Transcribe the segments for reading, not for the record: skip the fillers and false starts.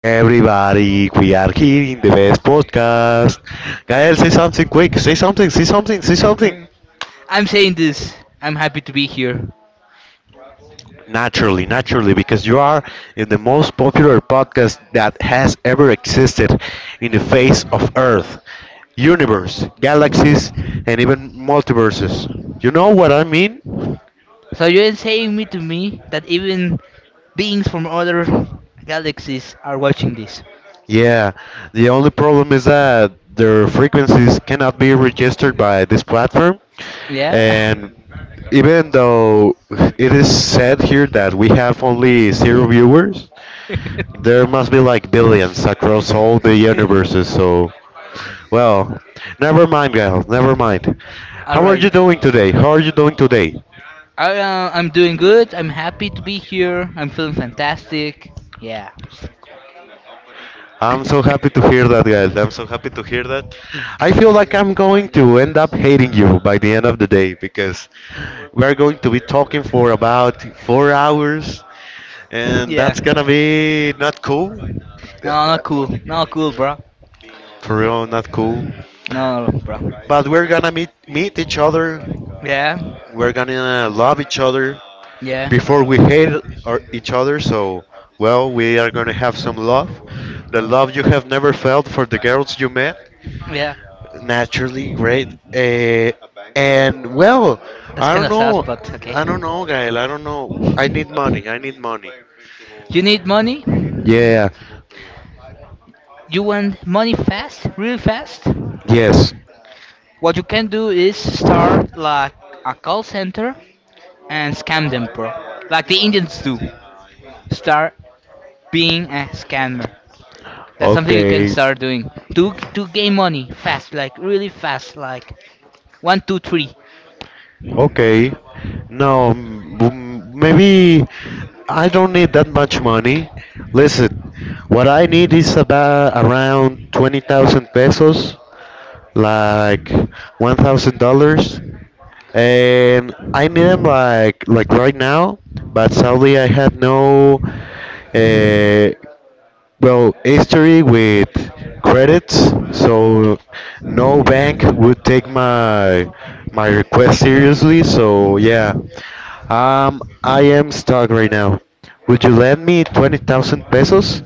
everybody. We are here in the best podcast. Gael, say something quick. Say something. Say something. Say something. Hmm. I'm saying this. I'm happy to be here. Naturally, because you are in the most popular podcast that has ever existed in the face of Earth, universe, galaxies, and even multiverses. You know what I mean? So you're saying me to me that even beings from other galaxies are watching this? Yeah, the only problem is that their frequencies cannot be registered by this platform. Yeah. And even though it is said here that we have only zero viewers, there must be like billions across all the universes. So, well, never mind, guys, never mind. All How are right. you doing today? How are you doing today? I'm doing good. I'm happy to be here. I'm feeling fantastic. Yeah. I'm so happy to hear that, guys. I'm so happy to hear that. I feel like I'm going to end up hating you by the end of the day because we're going to be talking for about 4 hours, and Yeah. that's gonna be not cool. No, not cool. Not cool, bro. For real, not cool. No, no, bro. But we're gonna meet each other. Yeah. We're gonna love each other Yeah. before we hate our, each other. So, well, we are gonna have some love, the love you have never felt for the girls you met. Yeah. Naturally great. And well, That's I kind don't of sad, know. but okay. I don't know, Gael. I don't know. I need money. I need money. You need money? Yeah. You want money fast? Really fast? Yes. What you can do is start like a call center and scam them, bro. Like the Indians do. Start being a scammer. That's something you can Okay. start doing. To gain money fast, like really fast, like one, two, three. Okay. No, maybe I don't need that much money. Listen, what I need is about around 20,000 pesos, like $1,000. And I need them like right now. But sadly, I had no uh, well, history with credits, so no bank would take my request seriously. So yeah, I am stuck right now. Would you lend me 20,000 pesos?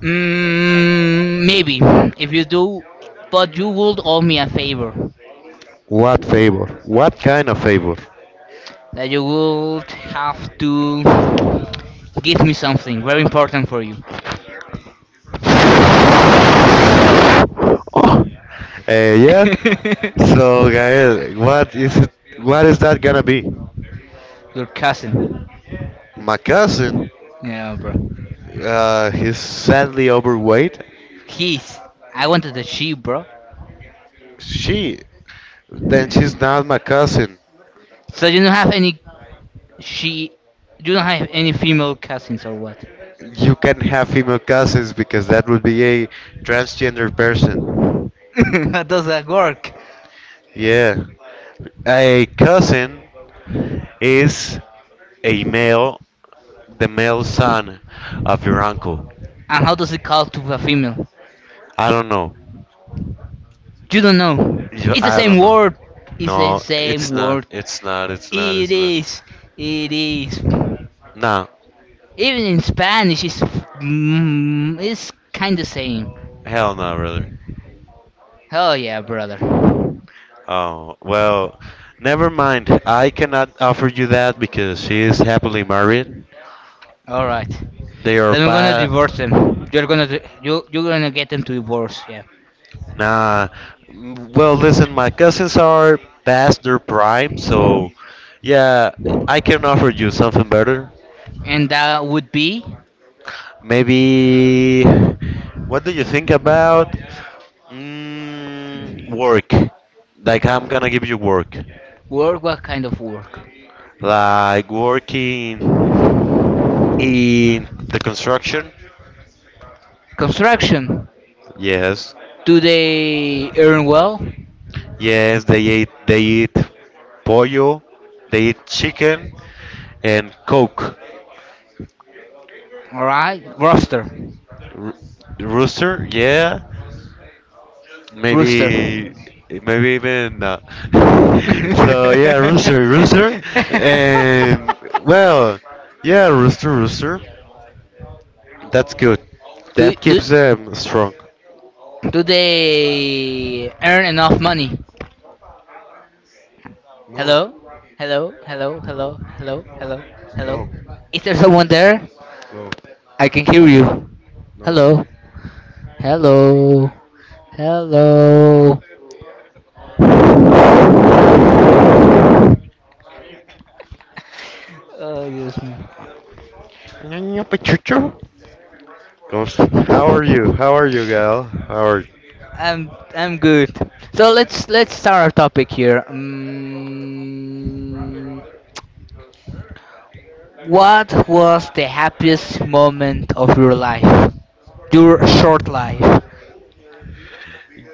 Mm, maybe if you do, but you would owe me a favor. What favor? What kind of favor? That you would have to give me something very important for you. Uh, yeah. So Gael, what is it? What is that gonna be? Your cousin. My cousin, Yeah, bro. He's sadly overweight. He's. I wanted a she, bro. She, then she's not my cousin. So you don't have any she. You don't have any female cousins or what? You can not have female cousins because that would be a transgender person. How does that work? Yeah, a cousin is a male, the male son of your uncle. And how does it call to a female? I don't know. You don't know. You, It's the I same don't know. word. It's the No, same it's not. word. It's not. It's not. It It's not. is. It is. Even Nah, in Spanish, it's it's kind of same. hell no, brother. Oh yeah, brother. Oh, well, never mind. I cannot offer you that because she is happily married. All right. They are Then we're gonna pa. divorce them. You're gonna you you're gonna get them to divorce. Yeah. Nah. Well, listen, my cousins are past their prime, so yeah, I can offer you something better. And that would be Maybe. What do you think about work? Like I'm gonna give you work, work. What kind of work? like working in the construction. Construction. Yes, Do they earn well? yes, they eat pollo, they eat chicken and coke. All right. Rooster. R- Rooster, yeah. Rooster. Maybe, maybe even. So yeah, rooster, rooster, and well, yeah, rooster, rooster. That's good. do That do keeps them strong. do they earn enough money? Hello? No, Hello? Hello? Hello? no, Hello? Hello? Hello? no, Is there someone there? no, I can hear you. no. Hello? Hello? Hello? Oh, yes. Niño Pechucho? Gosh, how are you? How are you, gal? How are you? I'm good. So let's start our topic here. What was the happiest moment of your life? Your short life.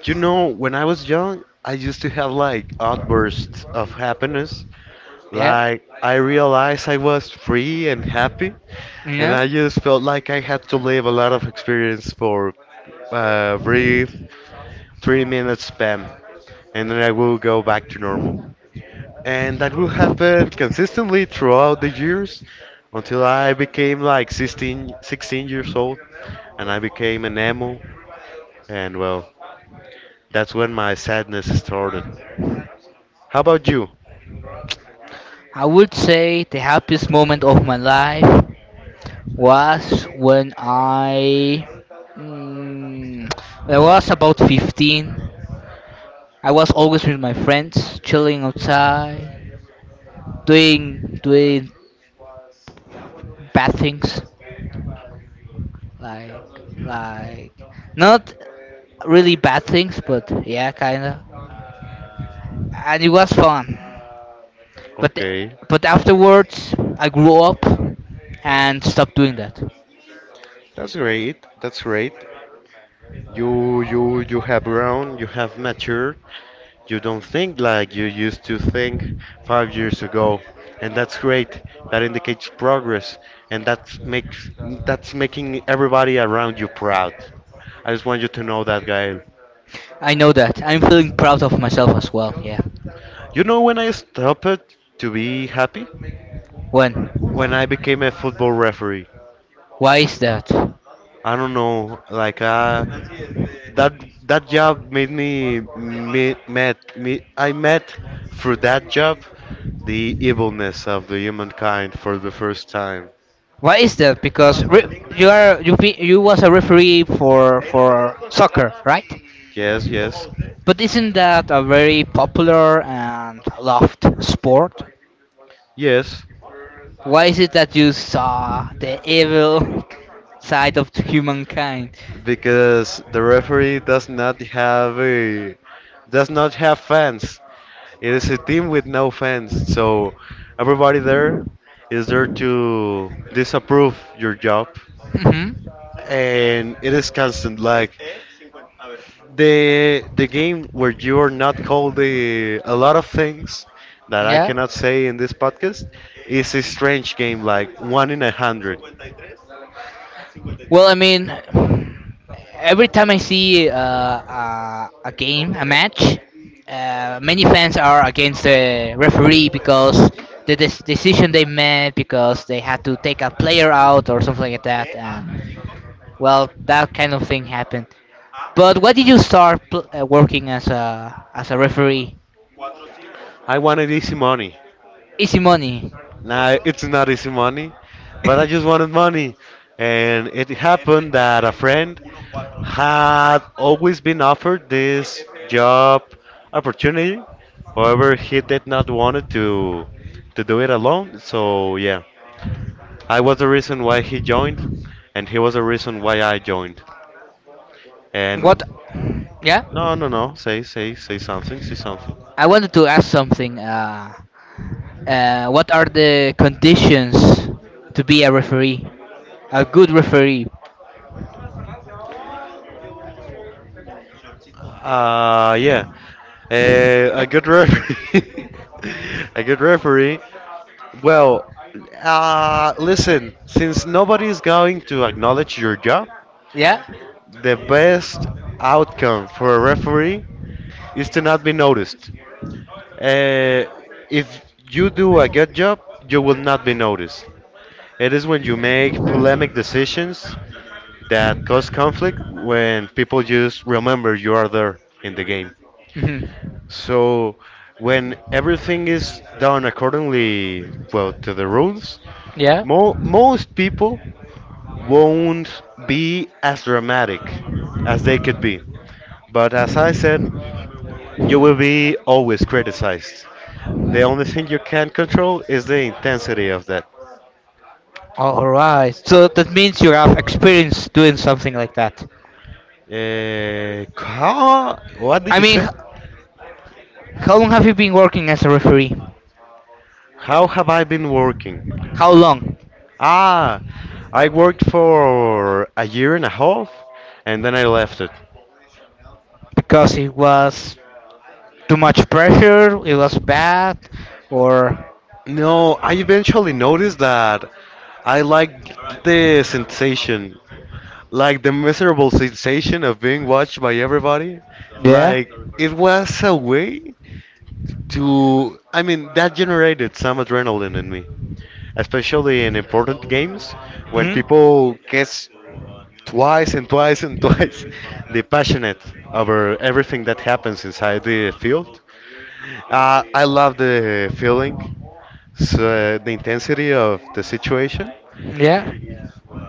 You know, when I was young, I used to have like outbursts of happiness. Yeah? Like, I realized I was free and happy, and Yeah? I just felt like I had to live a lot of experience for brief 3 minute spam, and then I will go back to normal. And that will happen consistently throughout the years until I became like sixteen years old, and I became an emo, and well, that's when my sadness started. How about you? I would say the happiest moment of my life was when I. Mm, when I was about 15. I was always with my friends, chilling outside, doing bad things, like like not really bad things, but yeah, kinda. And it was fun. But Okay, but afterwards, I grew up and stopped doing that. that's great. That's great. You have grown, you have matured. You don't think like you used to think 5 years ago. And that's great. That indicates progress, and that's making everybody around you proud. I just want you to know that, Gael. I know that. I'm feeling proud of myself as well. Yeah. You know when I stopped to be happy? When? When I became a football referee. Why is that? I don't know. Like that that job made me meet met me. I met through that job the evilness of the humankind for the first time. Why is that? Because you are you was a referee for soccer, right? Yes, yes, But isn't that a very popular and loved sport? yes. Why is it that you saw the evil side of humankind? Because the referee does not have fans. It is a team with no fans, so everybody there is there to disapprove your job. Hmm. And it is constant. Like the game where you are not called a lot of things that I cannot say in this podcast is a strange game, like one in a hundred. Well, I mean, every time I see a game, a match, many fans are against the referee because the decision they made, because they had to take a player out or something like that. And well, that kind of thing happened. But why did you start working as a referee? I wanted easy money. Easy money. Nah, it's not easy money, but I just wanted money. And it happened that a friend had always been offered this job opportunity. However, he did not want to do it alone. So yeah, I was the reason why he joined, and he was the reason why I joined. What? And Yeah. no, no, no, say something, say something. I wanted to ask something. What are the conditions to be a referee? A good referee? Yeah, a good referee, a good referee. Well, listen, since nobody is going to acknowledge your job, Yeah. the best outcome for a referee is to not be noticed. Uh, if you do a good job, you will not be noticed. It is when you make polemic decisions that cause conflict when people just remember you are there in the game. Hmm. So when everything is done accordingly, well, to the rules, Yeah. Most people won't be as dramatic as they could be. But as I said, you will be always criticized. The only thing you can control is the intensity of that. All right. So that means you have experience doing something like that. How? What did I you mean, say? How long have you been working as a referee? How have I been working? How long? Ah, I worked for a year and a half, and then I left it. Because it was too much pressure. It was bad, or No, I eventually noticed that I like the sensation, like the miserable sensation of being watched by everybody. yeah. Like it was a way to, I mean, that generated some adrenaline in me, especially in important games when Hmm. people guess twice and twice and twice the passionate over everything that happens inside the field. I love the feeling, so the intensity of the situation, Yeah.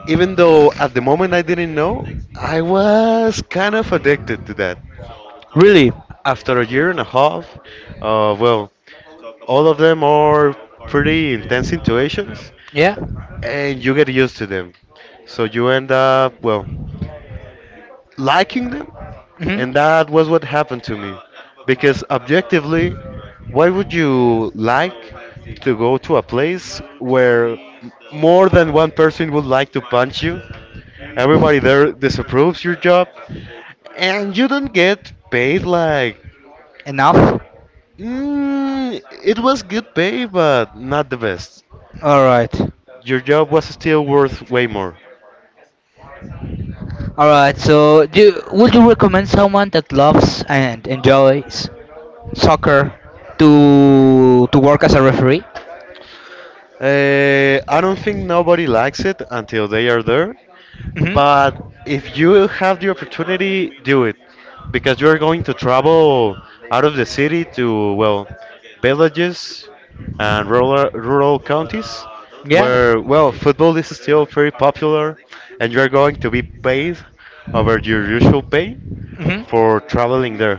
even though at the moment I didn't know I was kind of addicted to that Really? after a year and a half. Well, all of them are pretty intense situations, Yeah. and you get used to them. So you end up, well, liking them. Hmm. And that was what happened to me. Because objectively, why would you like to go to a place where more than one person would like to punch you? Everybody there disapproves your job, and you don't get paid like. Enough. It was good pay, but not the best. All right. Your job was still worth way more. All right. So, do would you recommend someone that loves and enjoys soccer to work as a referee? I don't think nobody likes it until they are there. Hmm. But if you have the opportunity, do it, because you are going to travel out of the city to, well, villages and rural counties Yeah. where, well, football is still very popular, and you are going to be paid over your usual pay Hmm. for traveling there.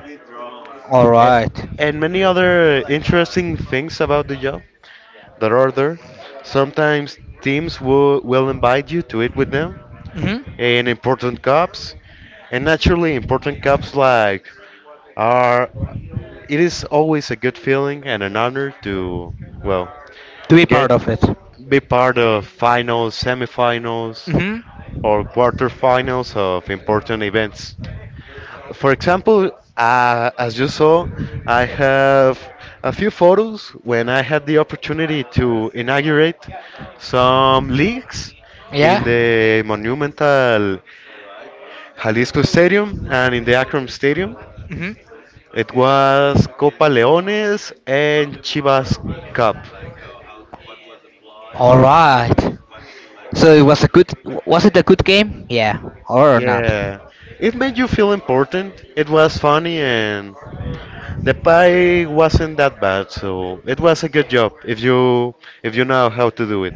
All A- right. And many other interesting things about the job that order. Sometimes teams will invite you to eat with them Hmm. in important cups. And naturally, important cups like are. It is always a good feeling and an honor to, well, To be get part of it. be part of finals, semifinals, Hmm. or quarterfinals of important events. For example, as you saw, I have a few photos when I had the opportunity to inaugurate some leagues Yeah. in the monumental Jalisco Stadium and in the Akron Stadium. Hmm. It was Copa Leones and Chivas Cup. All right. So it was a good. Was it a good game? Yeah. Or not? Yeah, it made you feel important. It was funny, and the pie wasn't that bad, so it was a good job if you know how to do it,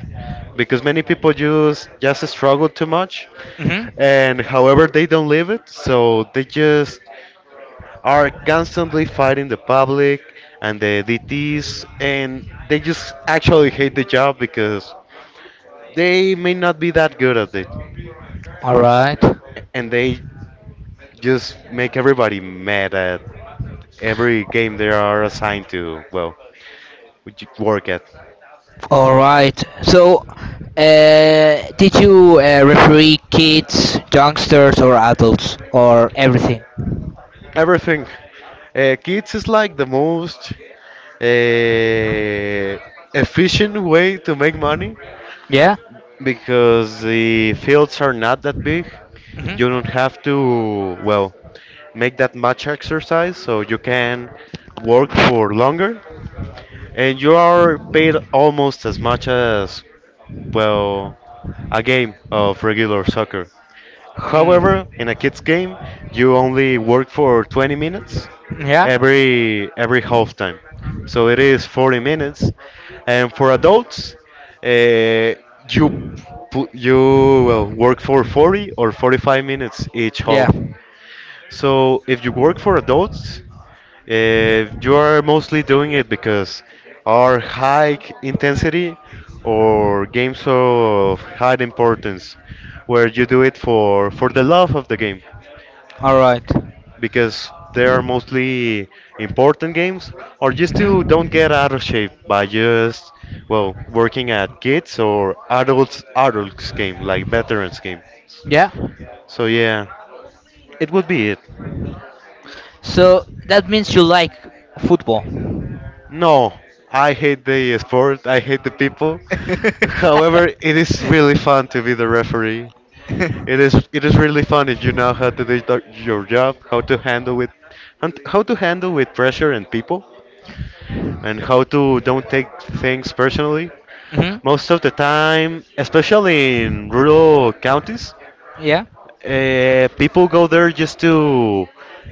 because many people just struggle too much, Hmm. and however they don't live it, so they just are constantly fighting the public and the DTs, and they just actually hate the job because they may not be that good at it, All right. and they just make everybody mad at every game they are assigned to. Well, would you work at. All right. So, uh, did you referee kids, youngsters, or adults, or everything? Everything. Kids is like the most uh, efficient way to make money Yeah. because the fields are not that big. Mhm. You don't have to, well, make that much exercise, so you can work for longer, and you are paid almost as much as, well, a game of regular soccer. Mm. However, in a kids game, you only work for 20 minutes Yeah. every half time. So it is 40 minutes. And for adults, uh, you you, well, work for 40 or 45 minutes each Yeah. half. So if you work for adults, you are mostly doing it because our high intensity or games of high importance, where you do it for the love of the game, All right. because they are mostly important games, or just to don't get Mhm. out of shape by just well working at kids or adults game like veterans game. Yeah. So yeah, it would be it. So that means you like football. No, I hate the sport. I hate the people. However, it is Mhm. really fun to be the referee. It is really fun if you know how to do your job, how to handle with and how to handle with pressure and people, and how to don't take things personally. Most of the time, especially in rural counties, Yeah. People go there just to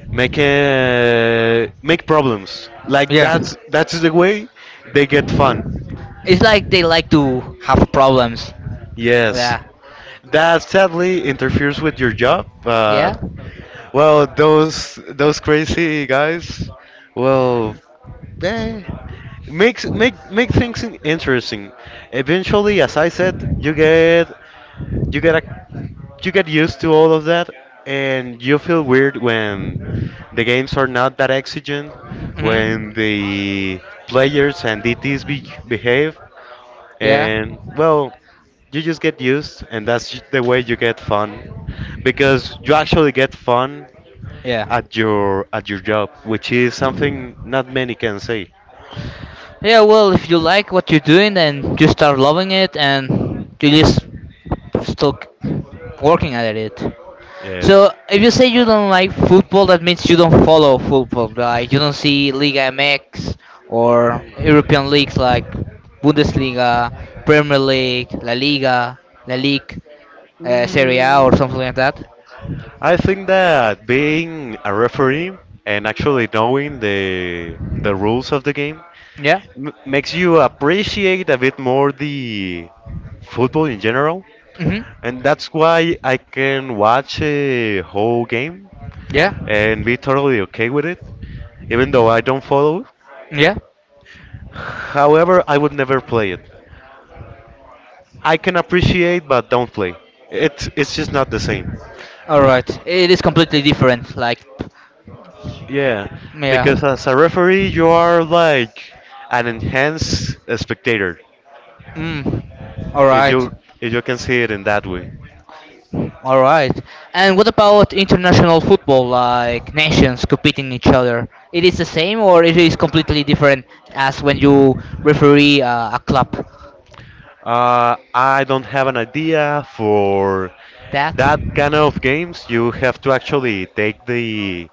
make problems. Like Yeah. that's the way they get fun. It's like they like to have problems. Yes, Yeah. that sadly interferes with your job, Yeah. but well, those crazy guys, well, eh, make things interesting. Eventually, as I said, you get a, you get used to all of that, and you feel weird when the games are not that exigent, Mhm. when the players and DTs behave Yeah. and well you just get used, and the way you get fun because you actually get fun Yeah. at your job, which is something not many can say. Yeah, well, if you like what you're doing, then you start loving it and you just still working at it. Yeah. So, if you say you don't like football, that means you don't follow football. Like, you don't see Liga MX or European leagues like Bundesliga, Premier League, La Liga, La Ligue, Serie A, Mm, or something like that. I think that being a referee and actually knowing the rules of the game Yeah? m makes you appreciate a bit more the football in general, Mm hmm. and that's why I can watch a whole game Yeah? and be totally okay with it, even though I don't follow. Yeah? However, I would never play it. I can appreciate, but don't play. It's just not the same. Alright. It is completely different. Like, Yeah, yeah. because as a referee, you are like an enhanced spectator, Mm. All if right. you if you can see it in that way. All right. And what about international football, like nations competing each other? It is the same, or it is completely different as when you referee a club? I don't have an idea for That? that kind of games. You have to actually take the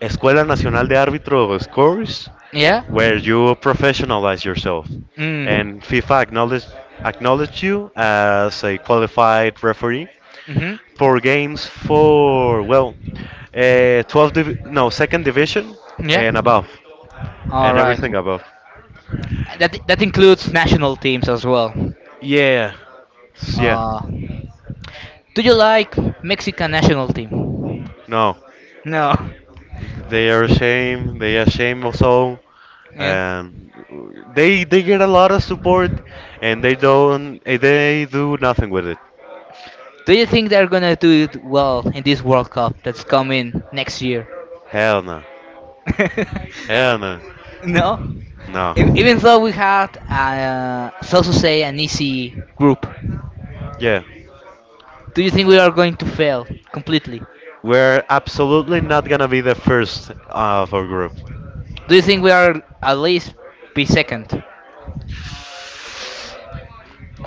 Escuela Nacional de Árbitros course Yeah. where you professionalize yourself. Mm. And FIFA acknowledge you as a qualified referee Mhm. for games for, well, 12, no, second division Yeah. and above, All and right. everything above. That that includes national teams as well. Yeah, yeah, Uh, do you like Mexican national team? no. No. They are ashamed also. Yeah. And they get a lot of support, and they don't they do nothing with it. Do you think they're gonna do it well in this World Cup that's coming next year? Hell no. Hell no. No, No. Even though we had, so to say, an easy group, Yeah. do you think we are going to fail completely? We're absolutely not gonna be the first of our group. Do you think we are at least be second?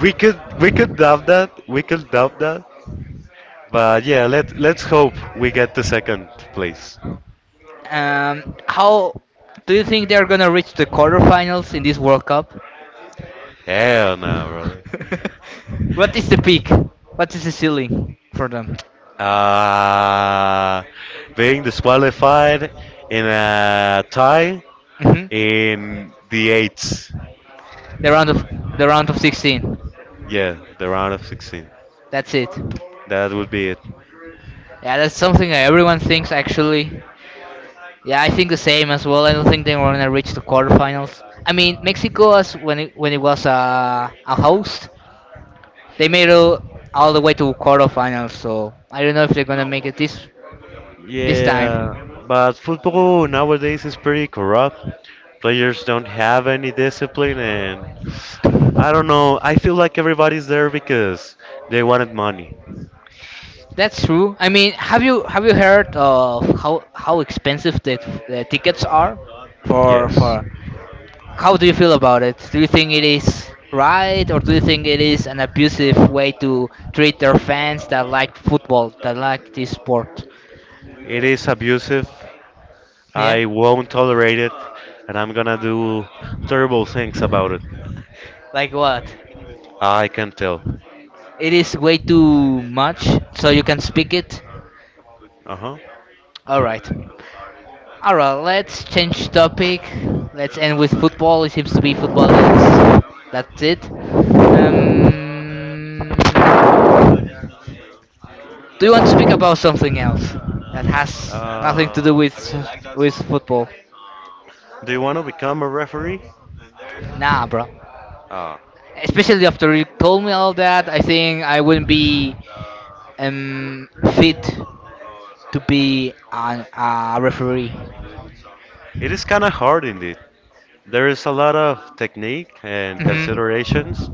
We could doubt that. We could doubt that. But yeah, let's hope we get the second place. How do you think they are gonna reach the quarterfinals in this World Cup? Hell no, What is the peak? What is the ceiling for them? brother. Being disqualified in a tie Hmm. in the eights. The round of the round of 16. Yeah, the round of 16. That's it. That would be it. Yeah, that's something that everyone thinks actually. Yeah, I think the same as well. I don't think they were gonna reach the quarterfinals. I mean, Mexico as when when it was a host, they made it all the way to quarterfinals. So I don't know if they're gonna make it this Yeah, time. but football nowadays is pretty corrupt. Players don't have any discipline, and I don't know. I feel like everybody's there because they wanted money. That's true. I mean, have you heard of how expensive the tickets are for Yes. for How do you feel about it? Do you think it is right, or do you think it is an abusive way to treat their fans that like football, that like this sport? It is abusive. Yeah? I won't tolerate it, and I'm gonna do terrible things about it. Like what? I can tell. It is way too much, so you can speak it? Uh huh. Alright. Alright, let's change topic. Let's end with football. It seems to be football is. That's it. Um, do you want to speak about something else that has nothing to do I really like that with song. football? Do you want to become a referee? Nah, bro. Uh, Especially after you told me all that, I think I wouldn't be um fit to be a referee. it is kind of hard indeed. There is a lot of technique and Mhm. considerations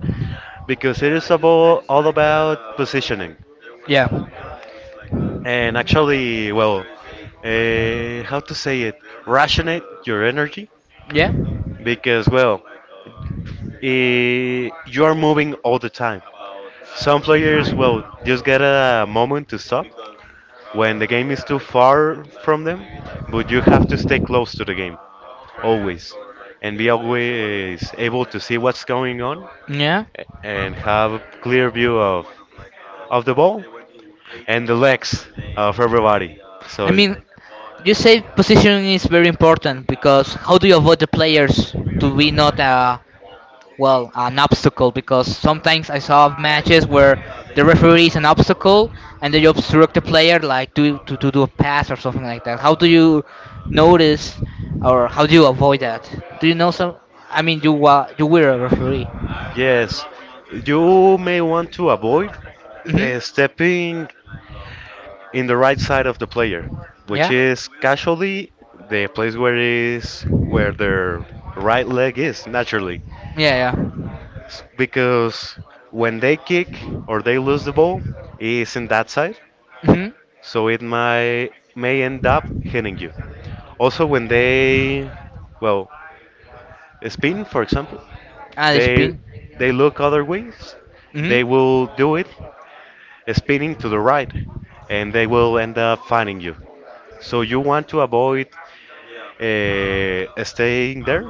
because it is all about positioning Yeah. and, actually, well, how to say it, rationate your energy Yeah. because, well, you are moving all the time. Some players will just get a moment to stop when the game is too far from them, but you have to stay close to the game always and be always able to see what's going on Yeah. and have a clear view of the ball and the legs of everybody. I So, mean, you say positioning is very important because how do you avoid the players to be not well an obstacle because sometimes I saw matches where the referee is an obstacle and they obstruct the player like to do a pass or something like that. How do you notice or how do you avoid that? Do you know some? I mean, you were a referee. yes, you may want to avoid Mhm. Stepping in the right side of the player, which Yeah. is casually the place where their right leg is naturally. Yeah. Yeah. Because when they kick or they lose the ball, it's in that side, Mhm. so it might may end up hitting you. Also, when they, well, spin, for example, Ah, the they spin. they look other ways, Mhm. they will do it spinning to the right, and they will end up finding you. So you want to avoid staying there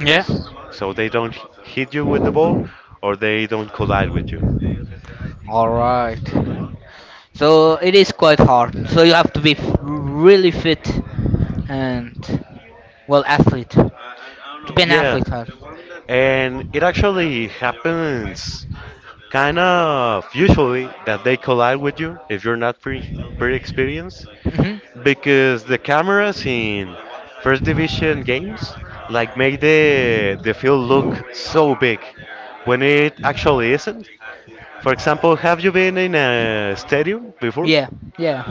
Yeah. so they don't hit you with the ball or they don't collide with you. All right. So it is quite hard. So you have to be really fit and well athlete. To be an Yeah, athlete huh? and it actually happens kind of usually that they collide with you if you're not pre experienced Hmm. because the cameras in first division games like make the field look so big when it actually isn't. For example, have you been in a stadium before? Yeah. Yeah.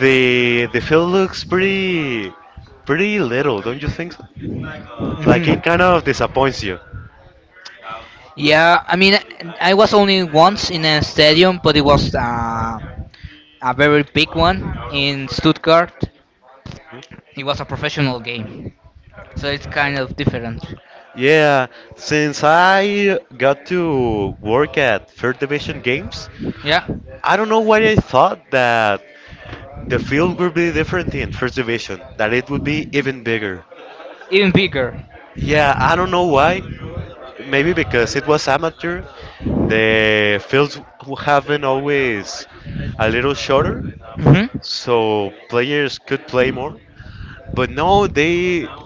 The field looks pretty little, don't you think so? Like, Hmm. it kind of disappoints you. Yeah, I mean, I was only once in a stadium but it was a very big one in Stuttgart. It was a professional game, so it's kind of different. Yeah, since I got to work at Third Division Games, Yeah. I don't know why I thought that the field would be different in First Division, that it would be even bigger. Even bigger. Yeah, I don't know why. Maybe because it was amateur, the fields have been always a little shorter, Hmm. so players could play more. But no, they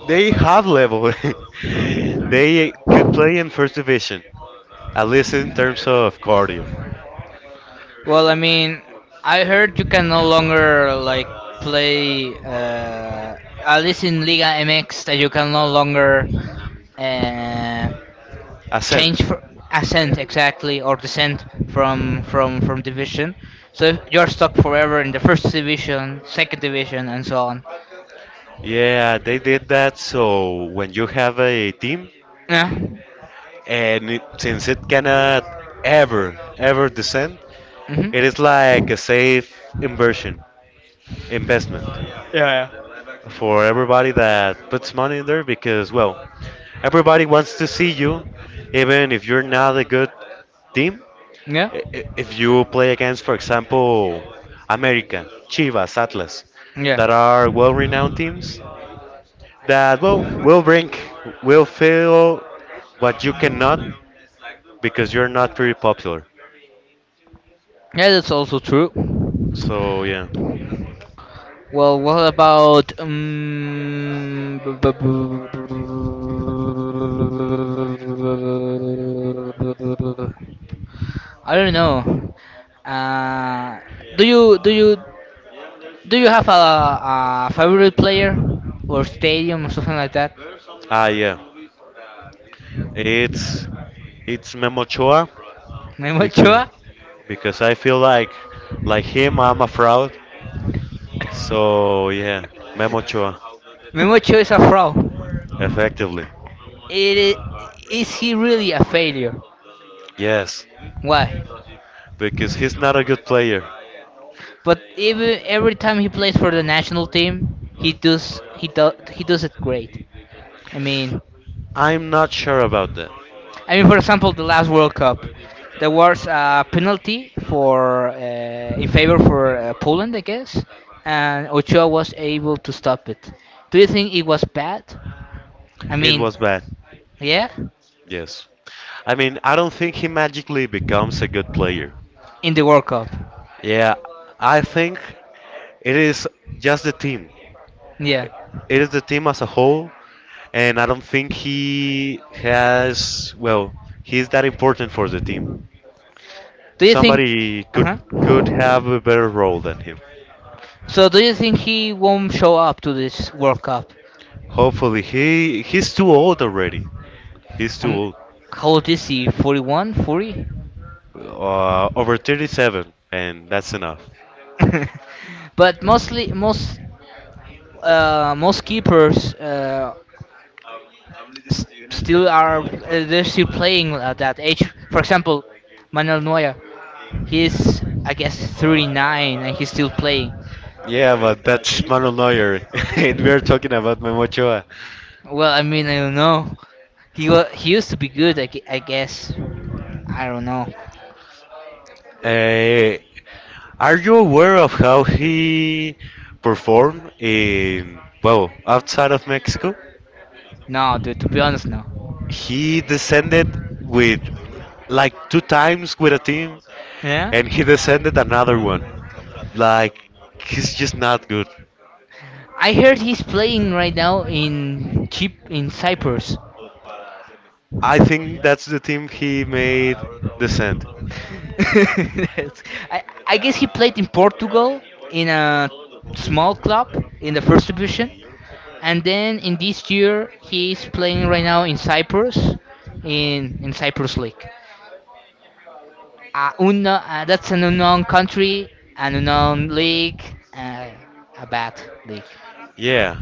they have level. They could play in first division, at least in terms of cardio. Well, I mean, I heard you can no longer like play at least in Liga MX that you can no longer uh, change Ascent. fr ascent exactly or descent from from division, so if you're stuck forever in the first division, second division and so on. Yeah, they did that. So when you have a team, Yeah. and it, since it cannot ever, ever descend, Mm-hmm. it is like a safe inversion investment Yeah, for everybody that puts money in there because, well, everybody wants to see you, even if you're not a good team. yeah If you play against, for example, America, Chivas, Atlas, yeah that are well-renowned teams, that well will feel what you cannot because you're not very popular. yeah that's also true. So yeah, Well, what about I don't know, uh do you Do you have a favorite player or stadium or something like that? Yeah, it's it's Memo Ochoa Memo because Ochoa? because I feel like him, I'm a fraud. So yeah, Memo Ochoa, Memo Ochoa is a fraud. effectively. It is he really a failure? Yes, Why? because he's not a good player. But even every time he plays for the national team, he does it great. I mean, I'm not sure about that. I mean for example the last World Cup, there was a penalty for in favor for Poland, I guess, and Ochoa was able to stop it. Do you think it was bad? I It mean, was bad. yeah, Yes. I mean, I don't think he magically becomes a good player. in the World Cup. Yeah, I think it is just the team. Yeah. It is the team as a whole, and I don't think well, he's that important for the team. Do you think? Somebody Uh huh. could have a better role than him. So do you think he won't show up to this World Cup? Hopefully, he's too old already. He's too Um, old. how old is he? 41, 40. Over 37, and that's enough. But mostly most most keepers still are they're still playing at that age. For example, Manuel Neuer, he's I guess 39 and he's still playing. Yeah, but that's Manuel Neuer. And we're talking about Memo Ochoa. Well, I mean I don't know. He he used to be good I guess. I don't know. Uh, are you aware of how he performed in, well, outside of Mexico? No, dude, to be honest, no. He descended with like two times with a team, Yeah? and he descended another one. Like, he's just not good. I heard he's playing right now in Chip in Cyprus. I think that's the team he made descend. I guess he played in Portugal in a small club in the first division, and then in this year he's playing right now in Cyprus League. Unknown, that's an unknown country, an unknown league, uh, a bad league. Yeah,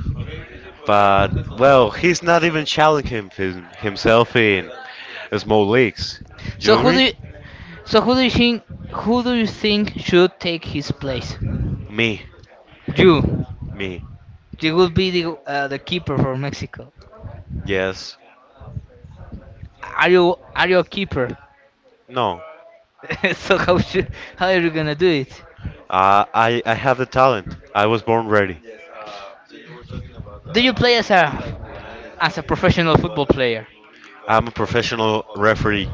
but well, he's not even challenging himself in small leagues. You So who do agree? you, so who do you think who do you think should take his place? Me, You, me. you will be the keeper for Mexico. Yes. Are you a keeper? No. So how are you gonna do it? I have the talent. I was born ready. Do you play as a professional football player? I'm a professional referee.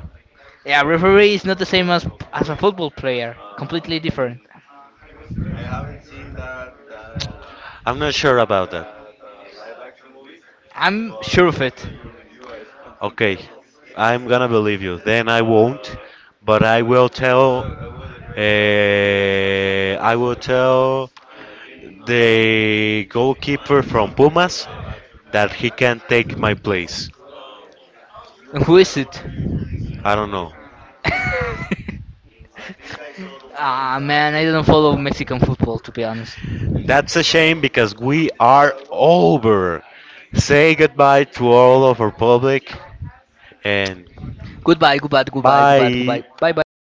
Yeah, referee is not the same as a football player. Completely different. I'm not sure about that. I'm sure of it. Okay, I'm gonna believe you. Then I won't, but I will tell. I will tell the goalkeeper from Pumas that he can take my place. And who is it? I don't know. Ah man, I don't follow Mexican football to be honest. That's a shame because we are over. Say goodbye to all of our public and Goodbye, goodbye, goodbye, goodbye, bye. goodbye. Bye bye bye bye.